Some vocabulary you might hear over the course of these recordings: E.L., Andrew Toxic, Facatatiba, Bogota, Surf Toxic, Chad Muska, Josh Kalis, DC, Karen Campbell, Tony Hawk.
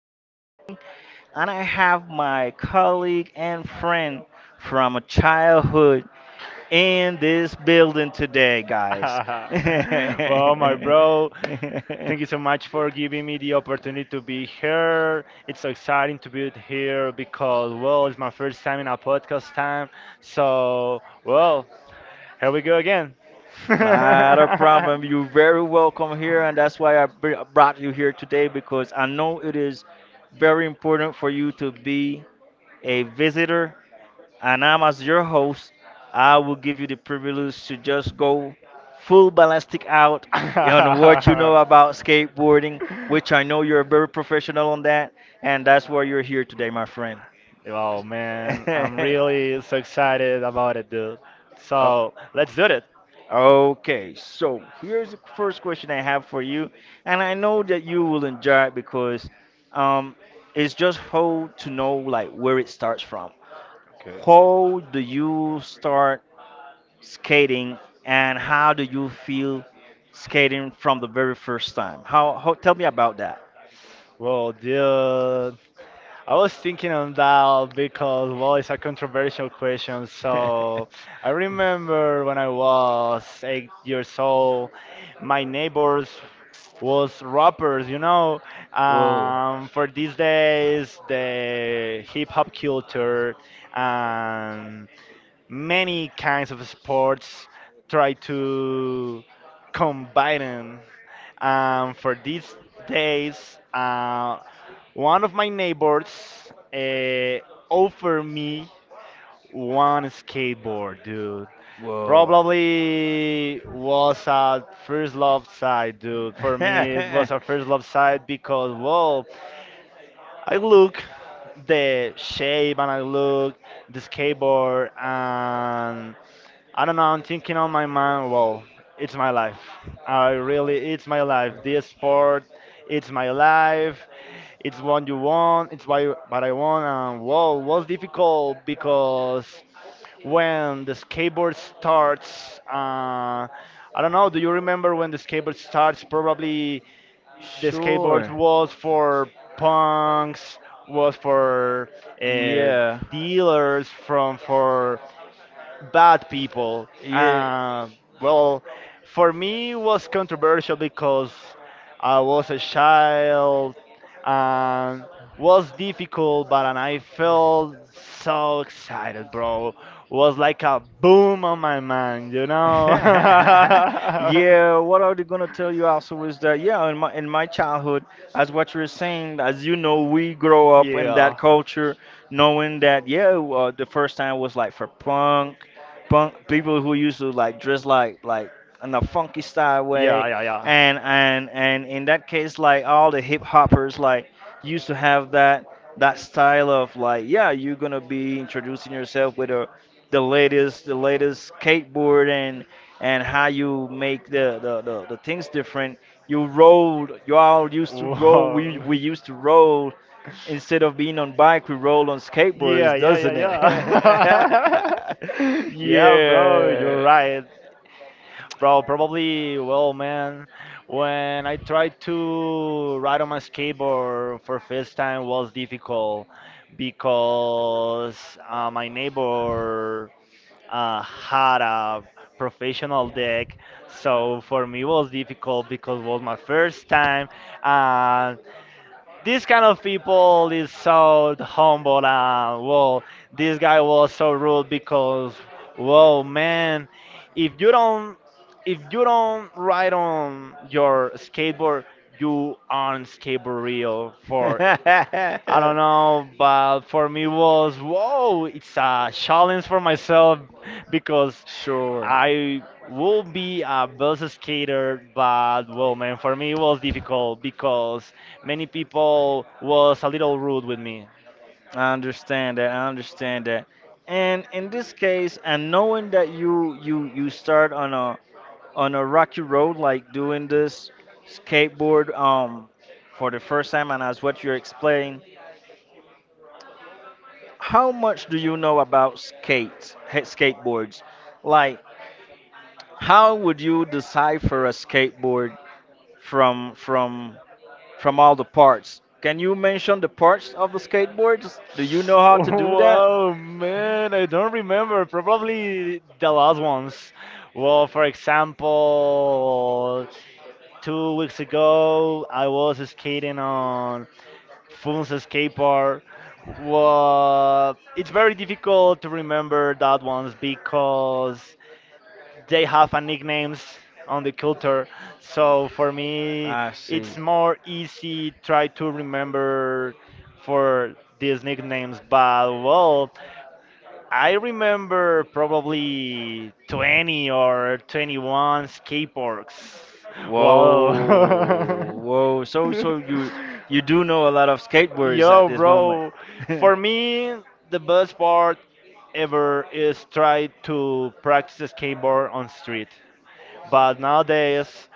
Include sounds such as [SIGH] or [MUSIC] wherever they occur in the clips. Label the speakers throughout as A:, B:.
A: skateboarding. And I have my colleague and friend from a childhood in this building today, guys. [LAUGHS] Not
B: [LAUGHS] Well, my bro, thank you so much for giving me the opportunity to be here. It's so exciting to be here because, well, it's my first time in a podcast time. So, well, here we go again.
A: a problem.
B: [LAUGHS]
A: You're very welcome here, and that's why I brought you here today because I know it is very important for you to be a visitor and I'm as your host. I will give you the privilege to just go full ballistic out on what you know about skateboarding, which I know you're very professional on that, and that's why you're here today, my friend.
B: Oh man, I'm
A: [LAUGHS]
B: really so excited about it, dude.
A: Oh,
B: So, let's do it.
A: okay, so here's the first question I have for you, and I know that you will enjoy it because um, it's just how to know, like, where it starts from.
B: Okay.
A: How do you start skating, and how do you feel skating from the very first time? How, tell me about that.
B: Well, dude, I was thinking on that because, well, it's a controversial question.
A: [LAUGHS]
B: So I remember when I was 8 years old, my neighbors was rappers.
A: Whoa,
B: For these days, the hip hop culture and many kinds of sports try to combine 'em for these days, one of my neighbors offered me one skateboard, dude.
A: whoa.
B: Probably was a first love side, dude. For me, it was a first
A: [LAUGHS]
B: love side because, well, I look the shape and I look the skateboard, and I don't know. I'm thinking on my mind. Well, it's my life. I really, it's my life. This sport, it's my life. It's what you want. It's why, what I want. And whoa, was difficult because when the skateboard starts, I don't know. Do you remember when the skateboard starts? Probably the skateboard
A: Sure.
B: was for punks, was for uh,
A: Yeah.
B: dealers from for bad people.
A: Yeah.
B: Well, for me, it was controversial because I was a child and was difficult, but and I felt so excited, bro. Was like a boom on my mind, you
A: [LAUGHS]
B: know? [LAUGHS]
A: Yeah, what I was gonna tell you also is that yeah, in my childhood, as what you're saying, as you know, we grow
B: Yeah,
A: up in that
B: yeah,
A: culture, knowing that yeah, the first time was like for punk, punk people who used to like dress like in a funky style way,
B: yeah,
A: and and in that case, like all the hip hoppers like used to have that style of like yeah, you're gonna be introducing yourself with a the
B: yeah.
A: latest skateboard and how you make the things different. You rolled, you all used to roll, we
B: Whoa. [LAUGHS]
A: we used to roll instead of being on bike, we roll on
B: Yeah,
A: skateboards,
B: yeah, yeah,
A: doesn't it? [LAUGHS]
B: yeah. [LAUGHS] Yeah, bro, you're
A: Yeah.
B: right. Bro, probably, well, man, when I tried to ride on my skateboard for first time was difficult because my neighbor had a professional deck, so for me it was difficult because it was my first time, and this kind of people is so humble, and well, this guy was so rude because whoa man, if you don't if you don't ride on your skateboard, you aren't skateboard real. For I don't
A: [LAUGHS]
B: know, but for me was whoa, it's a challenge for myself because
A: Sure.
B: I will be a best skater. But well, man, for me it was difficult because many people was a little rude with me.
A: I understand that. I understand that. And in this case, and knowing that you start on a rocky road like doing this skateboard for the first time and as what you explained, how much do you know about skateboards? Like, how would you decipher a skateboard from from all the parts. Can you mention the parts of the skateboards? Do you know
B: [LAUGHS]
A: how to do that?
B: Wow, man, I don't remember. Probably the last ones. Well, for example, 2 weeks ago, I was skating on Fun's skate park. Well, it's very difficult to remember that ones because they have a nicknames on the culture. So for me,
A: I see.
B: it's more easy try to remember for these nicknames. But well, I remember probably 20 or 21 skateboards. Wow.
A: Whoa, whoa. So so you
B: [LAUGHS]
A: you do know a lot of skateboards at
B: Yo,
A: this moment.
B: bro. For me, the
A: [LAUGHS]
B: best part ever is try to practice skateboard on street. But nowadays,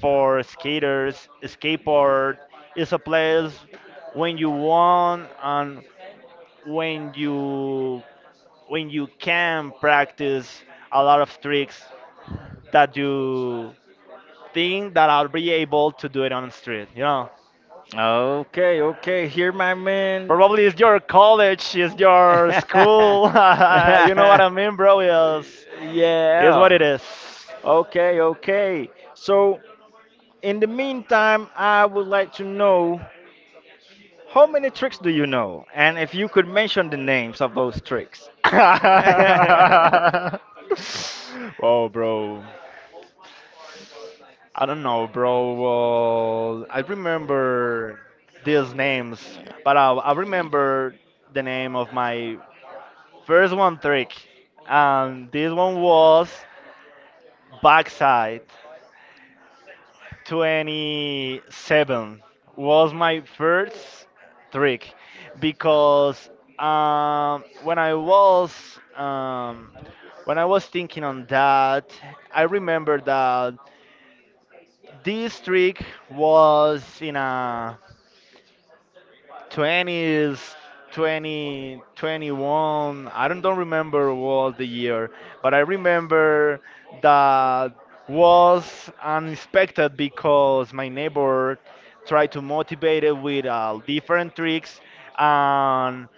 B: for skaters, skateboard is a place when you want, and when you when you can practice a lot of tricks that you think that I'll be able to do it on the street. You know,
A: Okay, okay, here, my man.
B: probably it's your college, it's your school. [LAUGHS]
A: [LAUGHS]
B: You know what I mean, bro? Is what
A: Yeah.
B: it is.
A: Okay, okay. So, in the meantime, I would like to know how many tricks do you know, and if you could mention the names of those tricks.
B: [LAUGHS] Whoa, bro. I don't know, bro. Well, I remember these names, but I remember the name of my first one trick, and this one was backside 27, was my first trick because um, when I was um, when I was thinking on that, I remember that this trick was in a 20s 20 21. I don't remember what the year, but I remember that was unexpected because my neighbor tried to motivate it with different tricks. And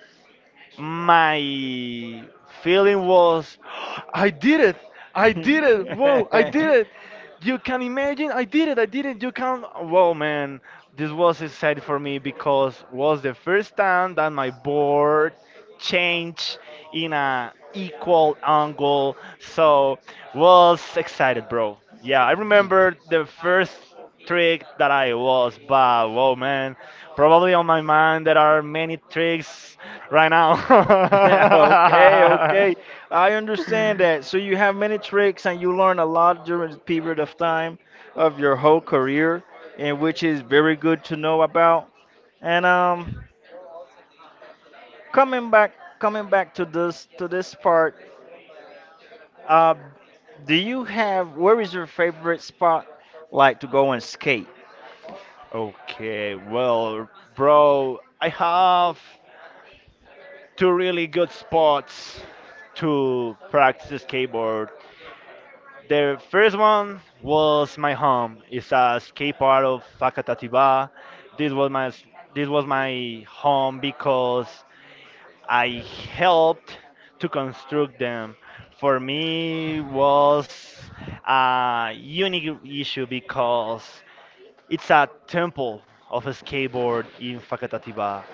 B: my feeling was [GASPS] I did it, I did it, whoa, I did it! You can imagine, I did it, I did it, you can, whoa man, this was exciting for me because was the first time that my board
A: [LAUGHS] [LAUGHS]
B: change in a equal angle. So was excited, bro. Yeah, I
A: [LAUGHS]
B: remember the first trick that I was, but whoa, man, probably on my mind there are many tricks right now.
A: Okay, okay. I understand that. So
B: [LAUGHS]
A: you have many tricks and you learn a lot during the period of time of your whole career, and which is very good to know about. And coming back, coming back to this part. Um, do you have, where is your favorite spot like to go and skate?
B: Okay, well, bro, I have two really good spots to practice skateboard. The first one was my home. It's a skate park of Facatatiba. This was my this was my home because I helped to construct them. For me was a unique issue because it's a temple of a skateboard in Facatatiba.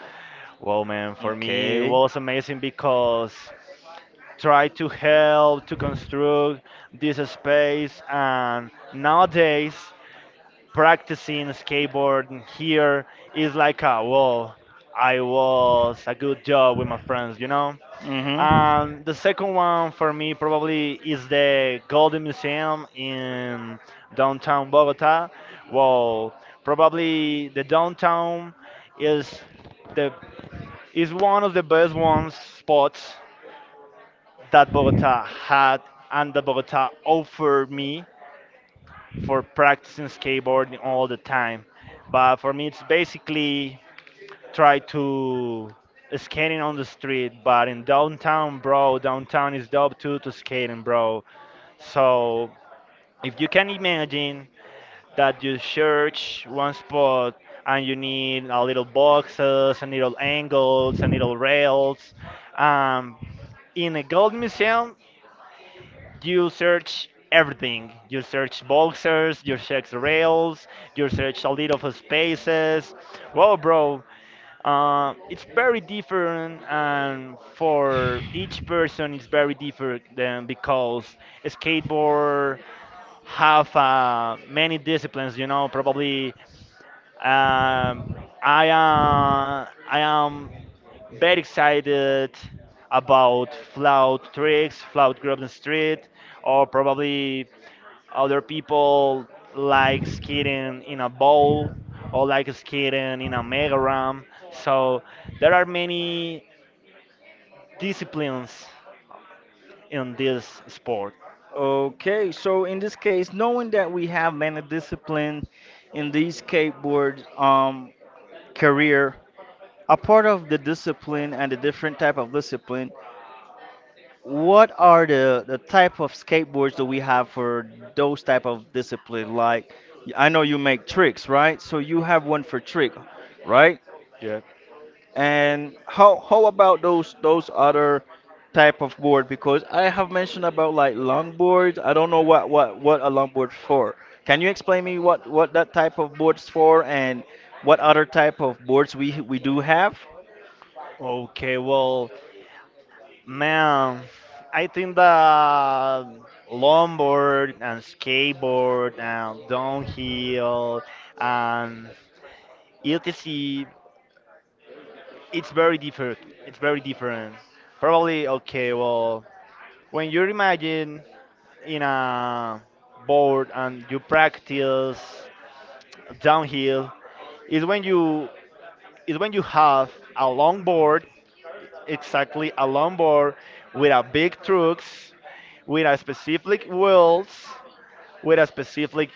B: Wow man, for me it
A: Okay.
B: was amazing because try to help to construct this space, and nowadays practicing skateboard here is like a, well, I was a good job with my friends, you know.
A: Hmm.
B: And the second one for me probably is the golden museum in downtown Bogota. Well, probably the downtown is the is one of the best ones spots that Bogota had and that Bogota offered me for practicing skateboarding all the time. But for me, it's basically try to skating on the street. But in downtown, bro, downtown is dope too to skating, bro. So if you can imagine that you search one spot and you need a little boxes and little angles and little rails, um, in a gold museum you search everything. You search boxers, you search rails, you search a little of spaces. Well, bro, it's very different, and for each person, it's very different than because skateboard have many disciplines. You know, probably um, I uh, I am very excited about flout tricks, flout grub and street, or probably other people like skating in a bowl or like skating in a mega ramp. So there are many disciplines in this sport.
A: Okay, so in this case, knowing that we have many disciplines in the skateboard career, a part of the discipline and the different type of discipline, what are the type of skateboards that we have for those type of discipline? Like, I know you make tricks, right? So you have one for trick, right?
B: Yeah.
A: And how about those other type of board? Because I have mentioned about like longboards. I don't know what what a longboard's for. Can you explain me what that type of board's for and what other type of boards we do have?
B: Okay, well, man, I think that longboard and skateboard and downhill and etc. It's very different. It's very different. Probably okay. Well, when you imagine in a board and you practice downhill is when you have a long board, exactly a long board with a big trucks, with a specific wheels, with a specific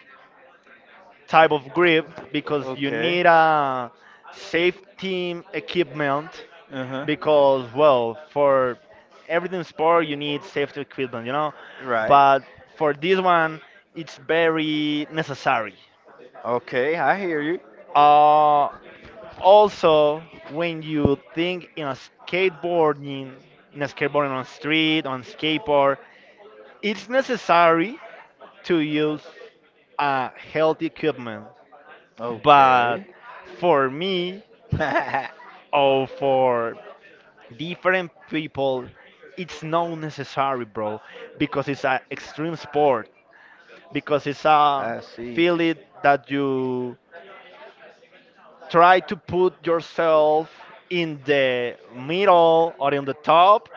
B: type of grip, because you
A: Okay.
B: need a safe team equipment
A: Uh huh.
B: because well, for everything sport you need safety equipment, you know.
A: Right.
B: But for this one it's very necessary.
A: Okay, I hear you.
B: uh, Also, when you think in a skateboarding skateboarding on street on skateboard, it's necessary to use a healthy equipment. But
A: Okay.
B: for me
A: [LAUGHS] I
B: or for different people it's not necessary, bro, because it's an extreme sport, because it's a
A: see.
B: feeling that you try to put yourself in the middle or in the top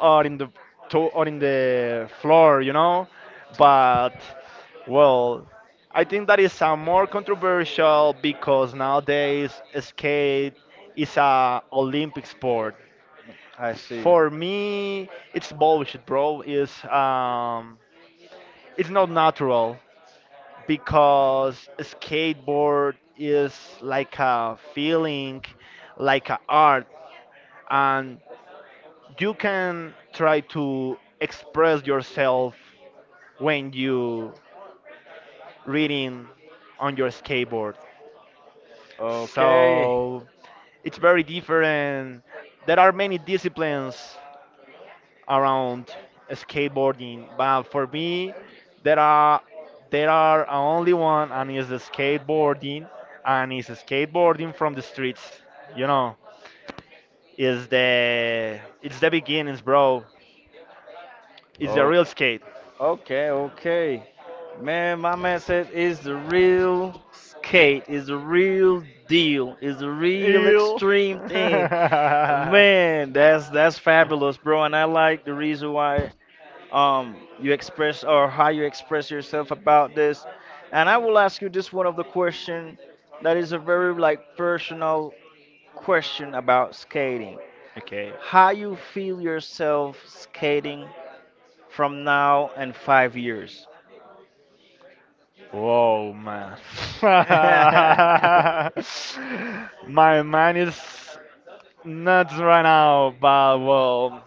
B: or in the or in the floor, you know. But well, I think that is a more controversial because nowadays skate is a olympic sport.
A: I see.
B: For me, it's bullshit, bro. Is it's not natural because skateboard is like a feeling, like a art, and you can try to express yourself when you reading on your skateboard.
A: Okay.
B: So it's very different. There are many disciplines around skateboarding, but for me, there are there are only one, and is the skateboarding, and is skateboarding from the streets. You know, is the it's the beginnings, bro. It's the
A: Oh.
B: real skate.
A: Okay. Okay. Man, my man said is the real skate, is the real deal, is the real
B: Ew.
A: extreme thing.
B: [LAUGHS]
A: Man, that's fabulous, bro. And I like the reason why you express or how you express yourself about this. And I will ask you this one of the question that is a very like personal question about skating.
B: Okay.
A: How you feel yourself skating from now and 5 years?
B: Whoa, man.
A: [LAUGHS]
B: [LAUGHS] My mind is nuts right now, but well,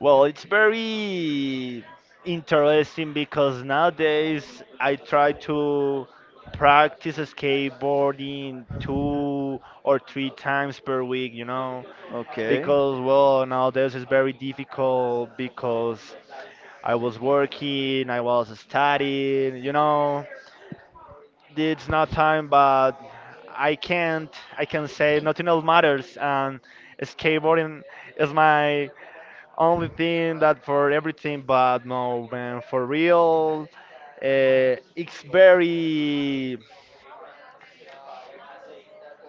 B: Well, it's very interesting because nowadays I try to practice skateboarding 2 or 3 times per week, you know,
A: Okay.
B: because well, nowadays it's very difficult because I was working, I was studying, you know, it's not time. But I can't, I can say nothing else matters, and skateboarding is my only thing that for everything. But no, man, for real, uh, it's very,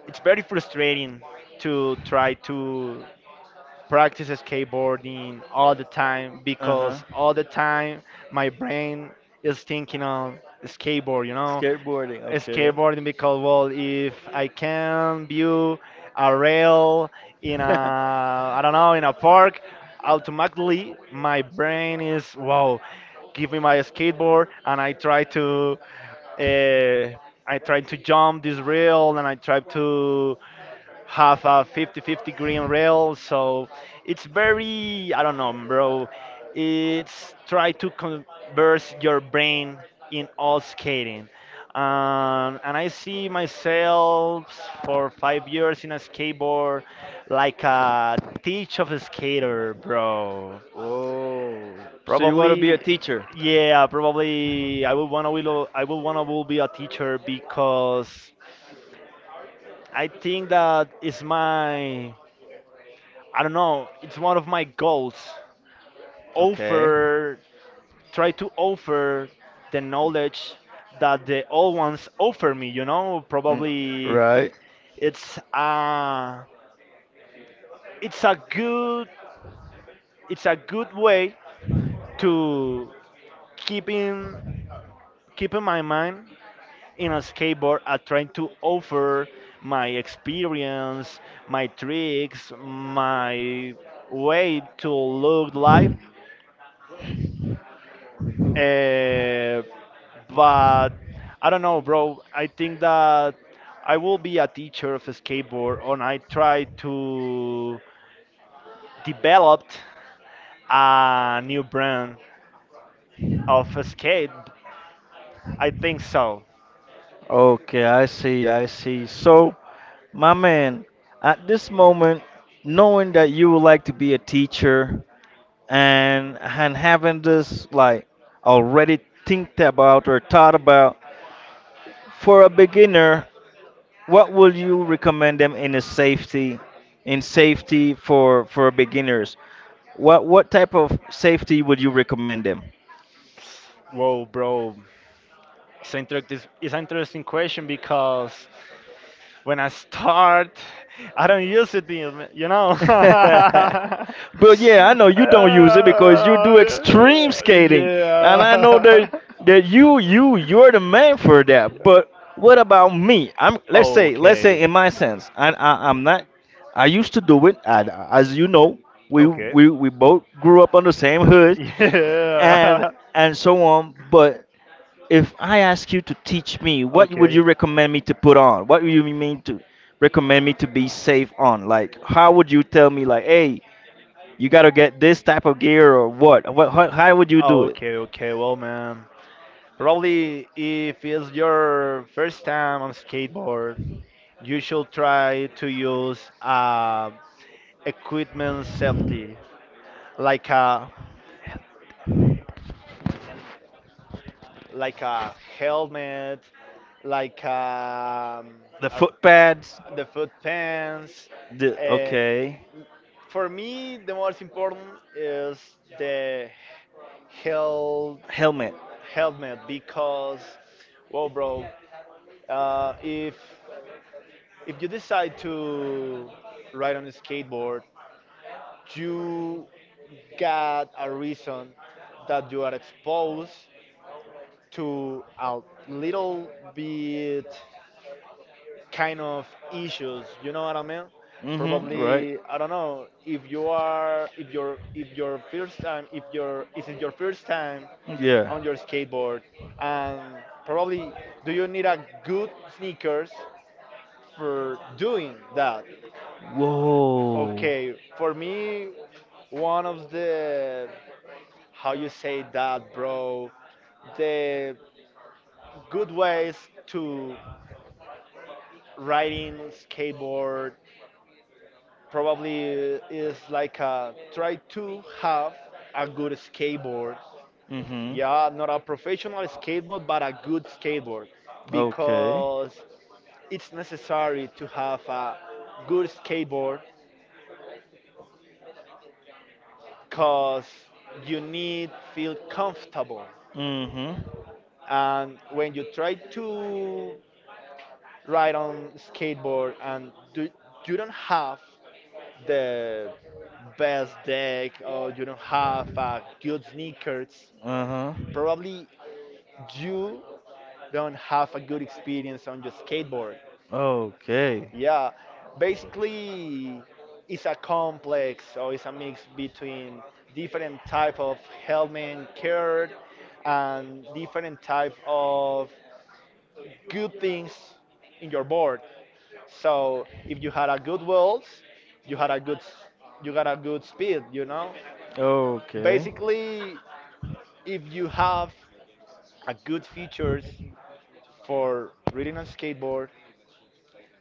B: it's very frustrating to try to practice skateboarding all the time
A: Uh huh.
B: because all the time my brain is thinking on skateboard, you know,
A: Skateboarding, okay.
B: skateboarding. Because well, if I can view a rail in a, I don't know, in a park, automatically my brain is wow, give me my skateboard, and I try to, uh, I try to jump this rail and I try to have a 50-50 green rail. So it's very, I don't know,
A: [LAUGHS]
B: bro, it's try to converse your brain in all skating. And I see myself for 5 years in a skateboard like a teach of a skater, bro.
A: Oh, so you want to be
B: Probably,
A: a teacher?
B: yeah, probably I would want to will, I would want to will be a teacher because I think that is my, I don't know, it's one of my goals.
A: Okay.
B: Offer, try to offer the knowledge that the old ones offer me, you know?
A: Mm,
B: Probably
A: right.
B: it's a, it's a good, it's a good way to keep in, keep in my mind in a skateboard at trying to offer my experience, my tricks, my way to look life. Uh, but I don't know, bro. I think that I will be a teacher of skateboard, and I try to develop a new brand of skate. I think so.
A: Okay, I see, I see. So, my man, at this moment, knowing that you would like to be a teacher and having this like already think about or thought about, for a beginner, what would you recommend them in a safety, in safety for beginners? What type of safety would you recommend them?
B: Whoa, bro. It's interactive. It's an interesting question because when I start, I don't use it, you know.
A: [LAUGHS]
B: [LAUGHS]
A: But yeah, I know you don't use it because you
B: Uh,
A: do extreme skating, and I know
B: yeah.
A: that that you you're the man for that. But what about me? I'm, let's
B: [LAUGHS]
A: say, let's
B: Okay.
A: say in my sense, I'm not. I used to do it, and as you know, we
B: Okay.
A: we we both grew up on the same hood, and
B: Yeah. [LAUGHS]
A: and so on. But if I ask you to teach me, what would
B: Okay.
A: you recommend me to put on? What would you mean to recommend me to be safe on? Like, how would you tell me, like, hey, you gotta get this type of gear or what? What? How would you
B: Oh,
A: do it?
B: okay, okay. Well, man, probably if it's your first time on skateboard, you should try to use equipment safety, like a like a helmet, like
A: The
B: a,
A: foot pads.
B: the foot pants.
A: The
B: Uh,
A: okay,
B: for me, the most important is the hel
A: helmet.
B: helmet because, well, bro, Uh, if if you decide to ride on a skateboard, you got a reason that you are exposed to a little bit kind of issues. You know what I mean?
A: Mm-hmm. Right.
B: Probably, I don't know if your first time, if your is it your first time
A: Yeah.
B: on your skateboard, and probably do you need a good sneakers for doing that?
A: Whoa.
B: Okay, for me, one of the, how you say that, bro, the good ways to riding skateboard probably is like try to have a good skateboard.
A: Mm-hmm.
B: Yeah, not a professional skateboard, but a good skateboard,
A: Okay.
B: because it's necessary to have a good skateboard because you need feel comfortable.
A: Mm-hmm.
B: And when you try to ride on skateboard and do, you don't have the best deck, or you don't have good sneakers,
A: Uh huh.
B: probably you don't have a good experience on your skateboard.
A: Okay.
B: Yeah, basically it's a complex, or it's a mix between different type of helmet care and different type of good things in your board. So if you had a good walls, you had a good s- you got a good speed, you know?
A: Okay.
B: Basically, if you have a good features for riding on skateboard,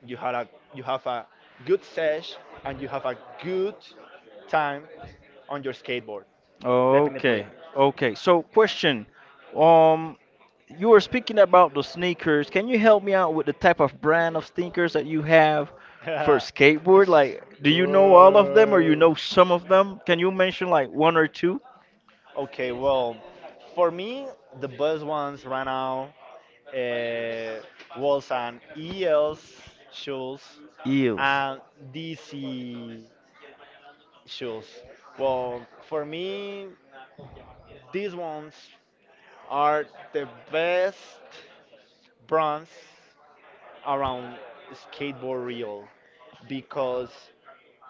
B: you have a good sesh and you have a good time on your skateboard. Definitely.
A: Okay.
B: [LAUGHS]
A: Okay. So, question. Um, you were speaking about the sneakers. Can you help me out with the type of brand of sneakers that you have for skateboard? Like, do you know all of them or you
B: Whoa.
A: know some of them? Can you mention like one or two?
B: Okay, well, for me, the best ones right now uh, was an E.L. shoes
A: Eels.
B: and DC shoes. Well, for me, these ones are the best brands around skateboard real, because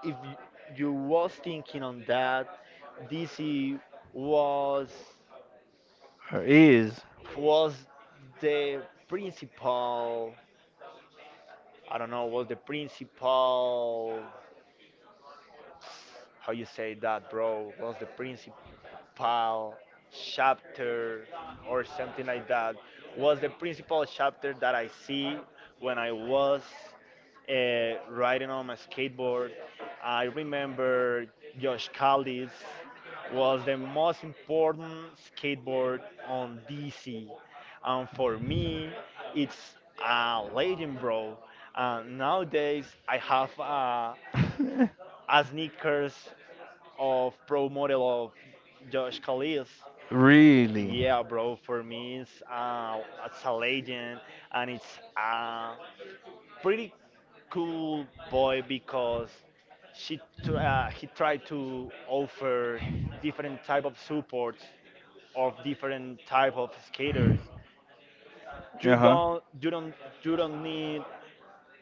B: if you, you was thinking on that, DC was
A: Her ears.
B: was the principal. I don't know. Was the principal, how you say that, bro? Was the principal chapter or something like that? Was the principal chapter that I see when I was riding on my skateboard? I remember Josh Callis was the most important skateboard on DC, and for me, it's a legend, bro. Nowadays, I have
A: Uh,
B: a
A: [LAUGHS]
B: sneakers of pro model of Josh Kalis.
A: really?
B: Yeah, bro, for me it's a legend, and it's a pretty cool boy because he tried to offer different type of supports of different type of skaters. You
A: Uh huh.
B: don't you don't you don't need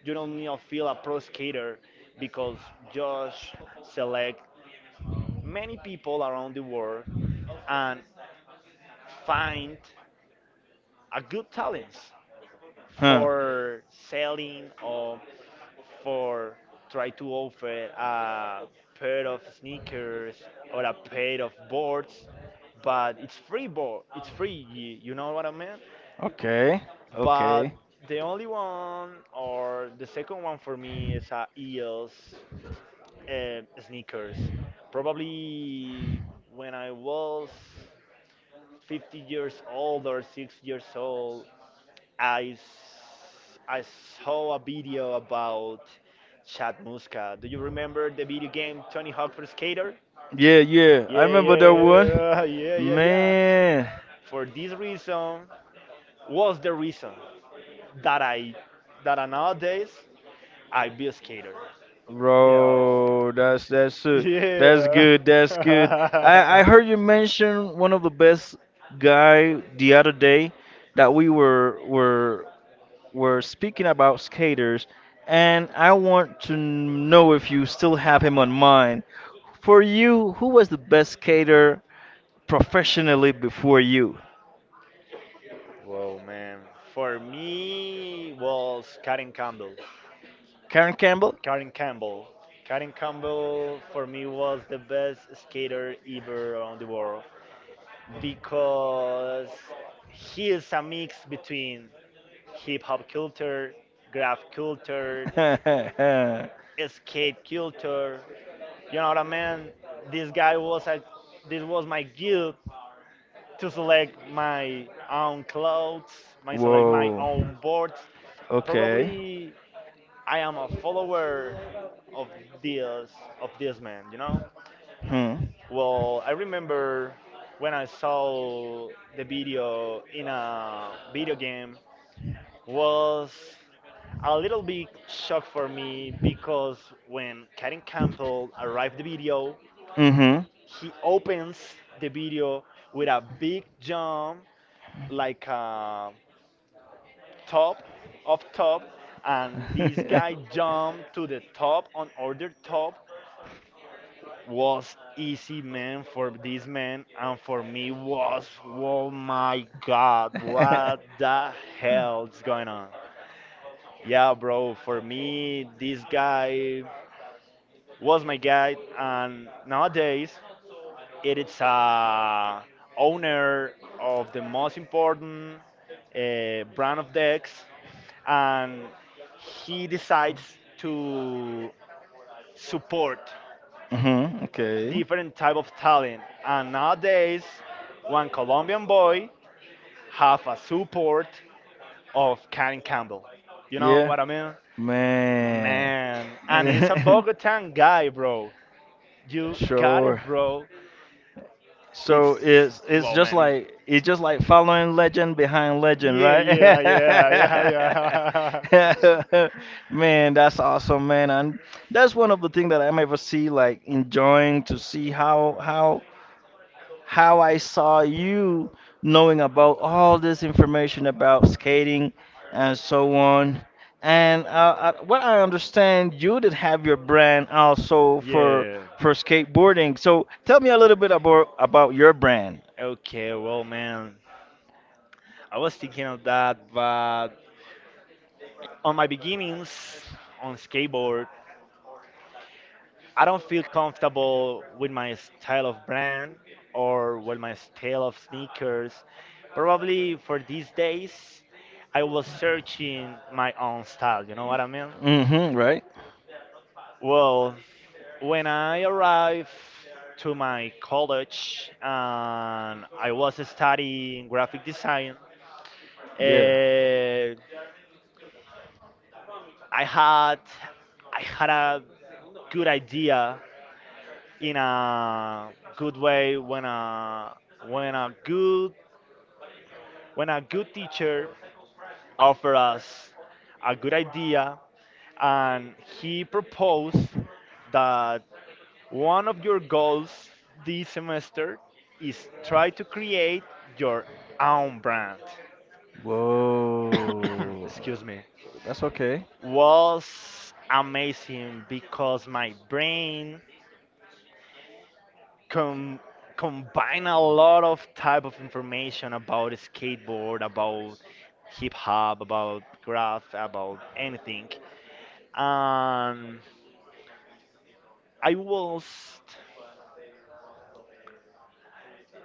B: you don't need to feel a pro skater because Josh select many people around the world and find a good talents
A: Huh.
B: for selling, or for try to offer a pair of sneakers or a pair of boards, but it's free board, it's free. You know what I mean?
A: Okay.
B: But
A: Okay.
B: the only one, or the second one for me, is a eels sneakers. Probably when I was 50 years old or 6 years old, I saw a video about Chad Muska. Do you remember the video game Tony Hawk for Skater?
A: Yeah, yeah. I
B: Yeah,
A: remember that one.
B: yeah, yeah, [LAUGHS] yeah, yeah.
A: Man.
B: For this reason, was the reason that I that I nowadays I be a skater. Yo.
A: Bro, that's
B: Yeah.
A: good. That's
B: [LAUGHS]
A: good. I heard you mention one of the best guy the other day that we were speaking about skaters, and I want to know if you still have him on mind. For you, who was the best skater professionally before you?
B: Whoa, man. For me was Karen Campbell.
A: Karen Campbell?
B: Karen Campbell. Karen Campbell for me was the best skater ever around the world,
A: [LAUGHS]
B: because he is a mix between hip hop culture, graph culture,
A: [LAUGHS]
B: skate culture. You know what I mean? This guy was a this was my guilt to select my own clothes, my select my
A: Whoa.
B: own boards.
A: Okay.
B: Probably I am a follower of this of this man, you know?
A: Hmm.
B: Well, I remember when I saw the video in a video game, was a little bit shock for me, because when Karen Campbell arrived the video,
A: Mm-hmm.
B: he opens the video with a big jump like a
A: [LAUGHS]
B: top of top, and this guy jumped to the top on order top, was easy, man, for this man, and for me was, oh my God, what the hell's going on? Yeah, bro, for me, this guy was my guide, and nowadays it is a owner of the most important brand of decks, and he decides to support
A: Hmm, okay.
B: different type of talent. And nowadays, one Colombian boy have a support of Karen Campbell. You know
A: Yeah.
B: what I mean?
A: Man.
B: Man, and he's a
A: [LAUGHS]
B: Bogotan guy, bro. You got
A: Sure.
B: it, bro. It's,
A: So
B: well, man. It,
A: it's just like following legend behind legend,
B: yeah,
A: right?
B: yeah, yeah, yeah, yeah. [LAUGHS]
A: [LAUGHS] Man, that's awesome, man, and that's one of the things that I'm ever see like enjoying to see how I saw you knowing about all this information about skating and so on. And what I understand, you did have your brand also
B: Yeah.
A: for skateboarding. So tell me a little bit about your brand.
B: Okay, well, man, I was thinking of that, but on my beginnings on skateboard, I don't feel comfortable with my style of brand or with my style of sneakers. Probably for these days, I was searching my own style, you know what I mean?
A: Mm-hmm. Right?
B: Well, when I arrived to my college and I was studying graphic design,
A: Yeah.
B: uh, I had I had a good idea in a good way, when a good when a good teacher offered us a good idea, and he proposed that one of your goals this semester is try to create your own brand. [COUGHS]
A: Whoa.
B: Excuse me.
A: That's okay.
B: Was amazing because my brain com- combined a lot of type of information about skateboard, about hip hop, about graph, about anything. And I was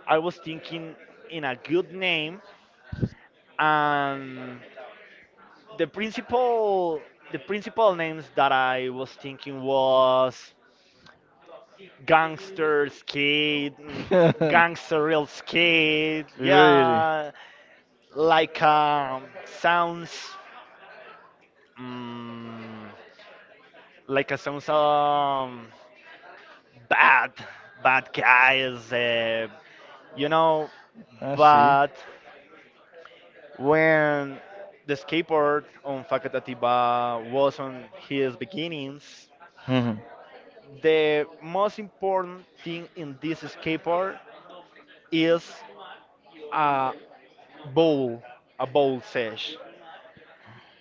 B: I was thinking in a good name, and the principal the principal names that I was thinking was gangster skate,
A: [LAUGHS]
B: gangster real skate,
A: Really?
B: yeah, like sounds, mm, like a sounds, bad, bad guys, you know.
A: I see.
B: But when the skateboard on Facatativa was on his beginnings,
A: Hmm.
B: the most important thing in this skateboard is a bowl, a bowl sesh.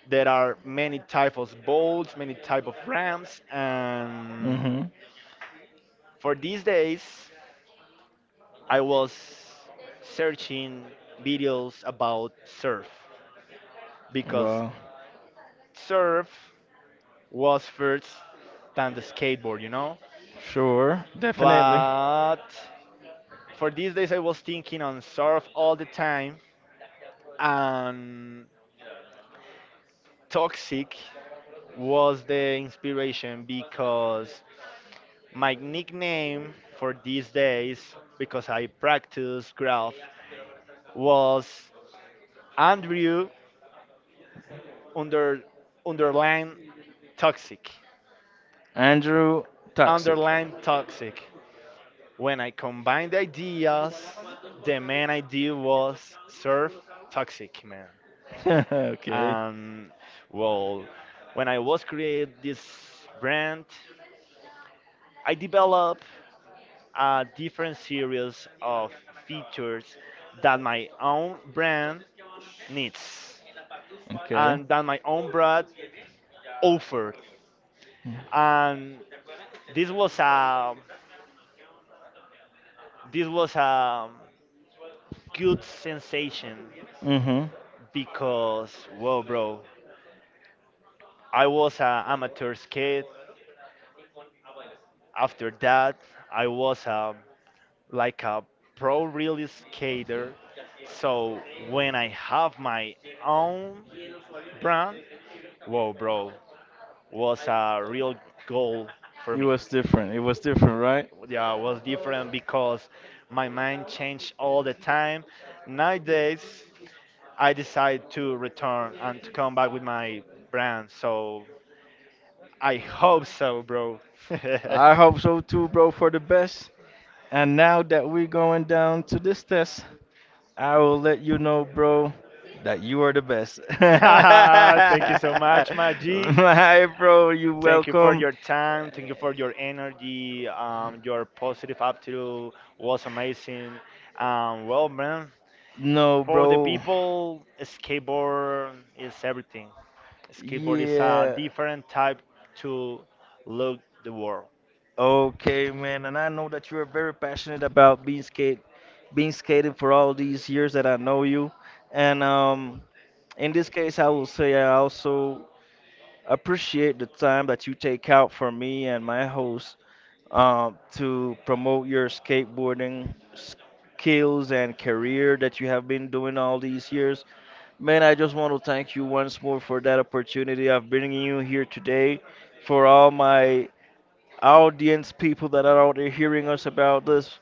B: There are many types of bowls, many type of ramps, and
A: Mm-hmm.
B: for these days, I was searching videos about surf, because
A: Well,
B: surf was first than the skateboard, you know.
A: sure, definitely.
B: But for these days, I was thinking on surf all the time, and Toxic was the inspiration, because my nickname for these days, because I practice graph, was Andrew under underline toxic.
A: Andrew Toxic.
B: Underline toxic. When I combined ideas, the main idea was surf toxic, man.
A: [LAUGHS] Okay.
B: And well, when I was create this brand, I developed a different series of features that my own brand needs
A: Okay.
B: and that my own brand offered. And this was a this was a good sensation,
A: Mm-hmm.
B: because well, bro, I was an amateur skate. After that, I was a, like a pro real skater. So when I have my own brand, whoa, bro, was a real goal for
A: It
B: me.
A: was different. It was different, right?
B: Yeah, it was different because my mind changed all the time. Nowadays, I decide to return and to come back with my brand. So I hope so, bro. [LAUGHS]
A: I hope so too, bro, for the best. And now that we're going down to this test, I will let you know, bro, that you are the best.
B: [LAUGHS]
A: [LAUGHS]
B: Thank you so much, Maji.
A: My bro, you
B: Thank you for
A: welcome.
B: your time. Thank you for your energy. Your positive attitude was amazing. Well, man,
A: No,
B: for the
A: bro.
B: people, skateboard is everything. Skateboard is a
A: Yeah.
B: different type to look the world.
A: Okay, man. And I know that you are very passionate about being skate, being skating for all these years that I know you. And in this case, I will say I also appreciate the time that you take out for me and my host to promote your skateboarding skills and career that you have been doing all these years. Man, I just want to thank you once more for that opportunity of bringing you here today. For all my audience people that are out there hearing us about this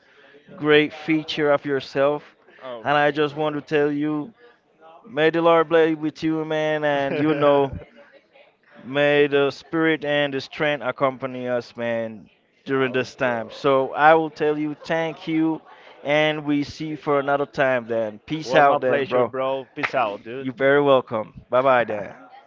A: great feature of yourself. And I
B: Okay,
A: just want to tell you, may the
B: bro.
A: Lord bless with you, man. And you know,
B: [LAUGHS]
A: may the spirit and the strength accompany us, man, during
B: Oh,
A: this time.
B: bro.
A: So I will tell you thank you, and we see you for another time then. Peace
B: Was my
A: out then,
B: pleasure,
A: bro.
B: bro. Peace out, dude.
A: You're very welcome. Bye bye then.
B: [LAUGHS]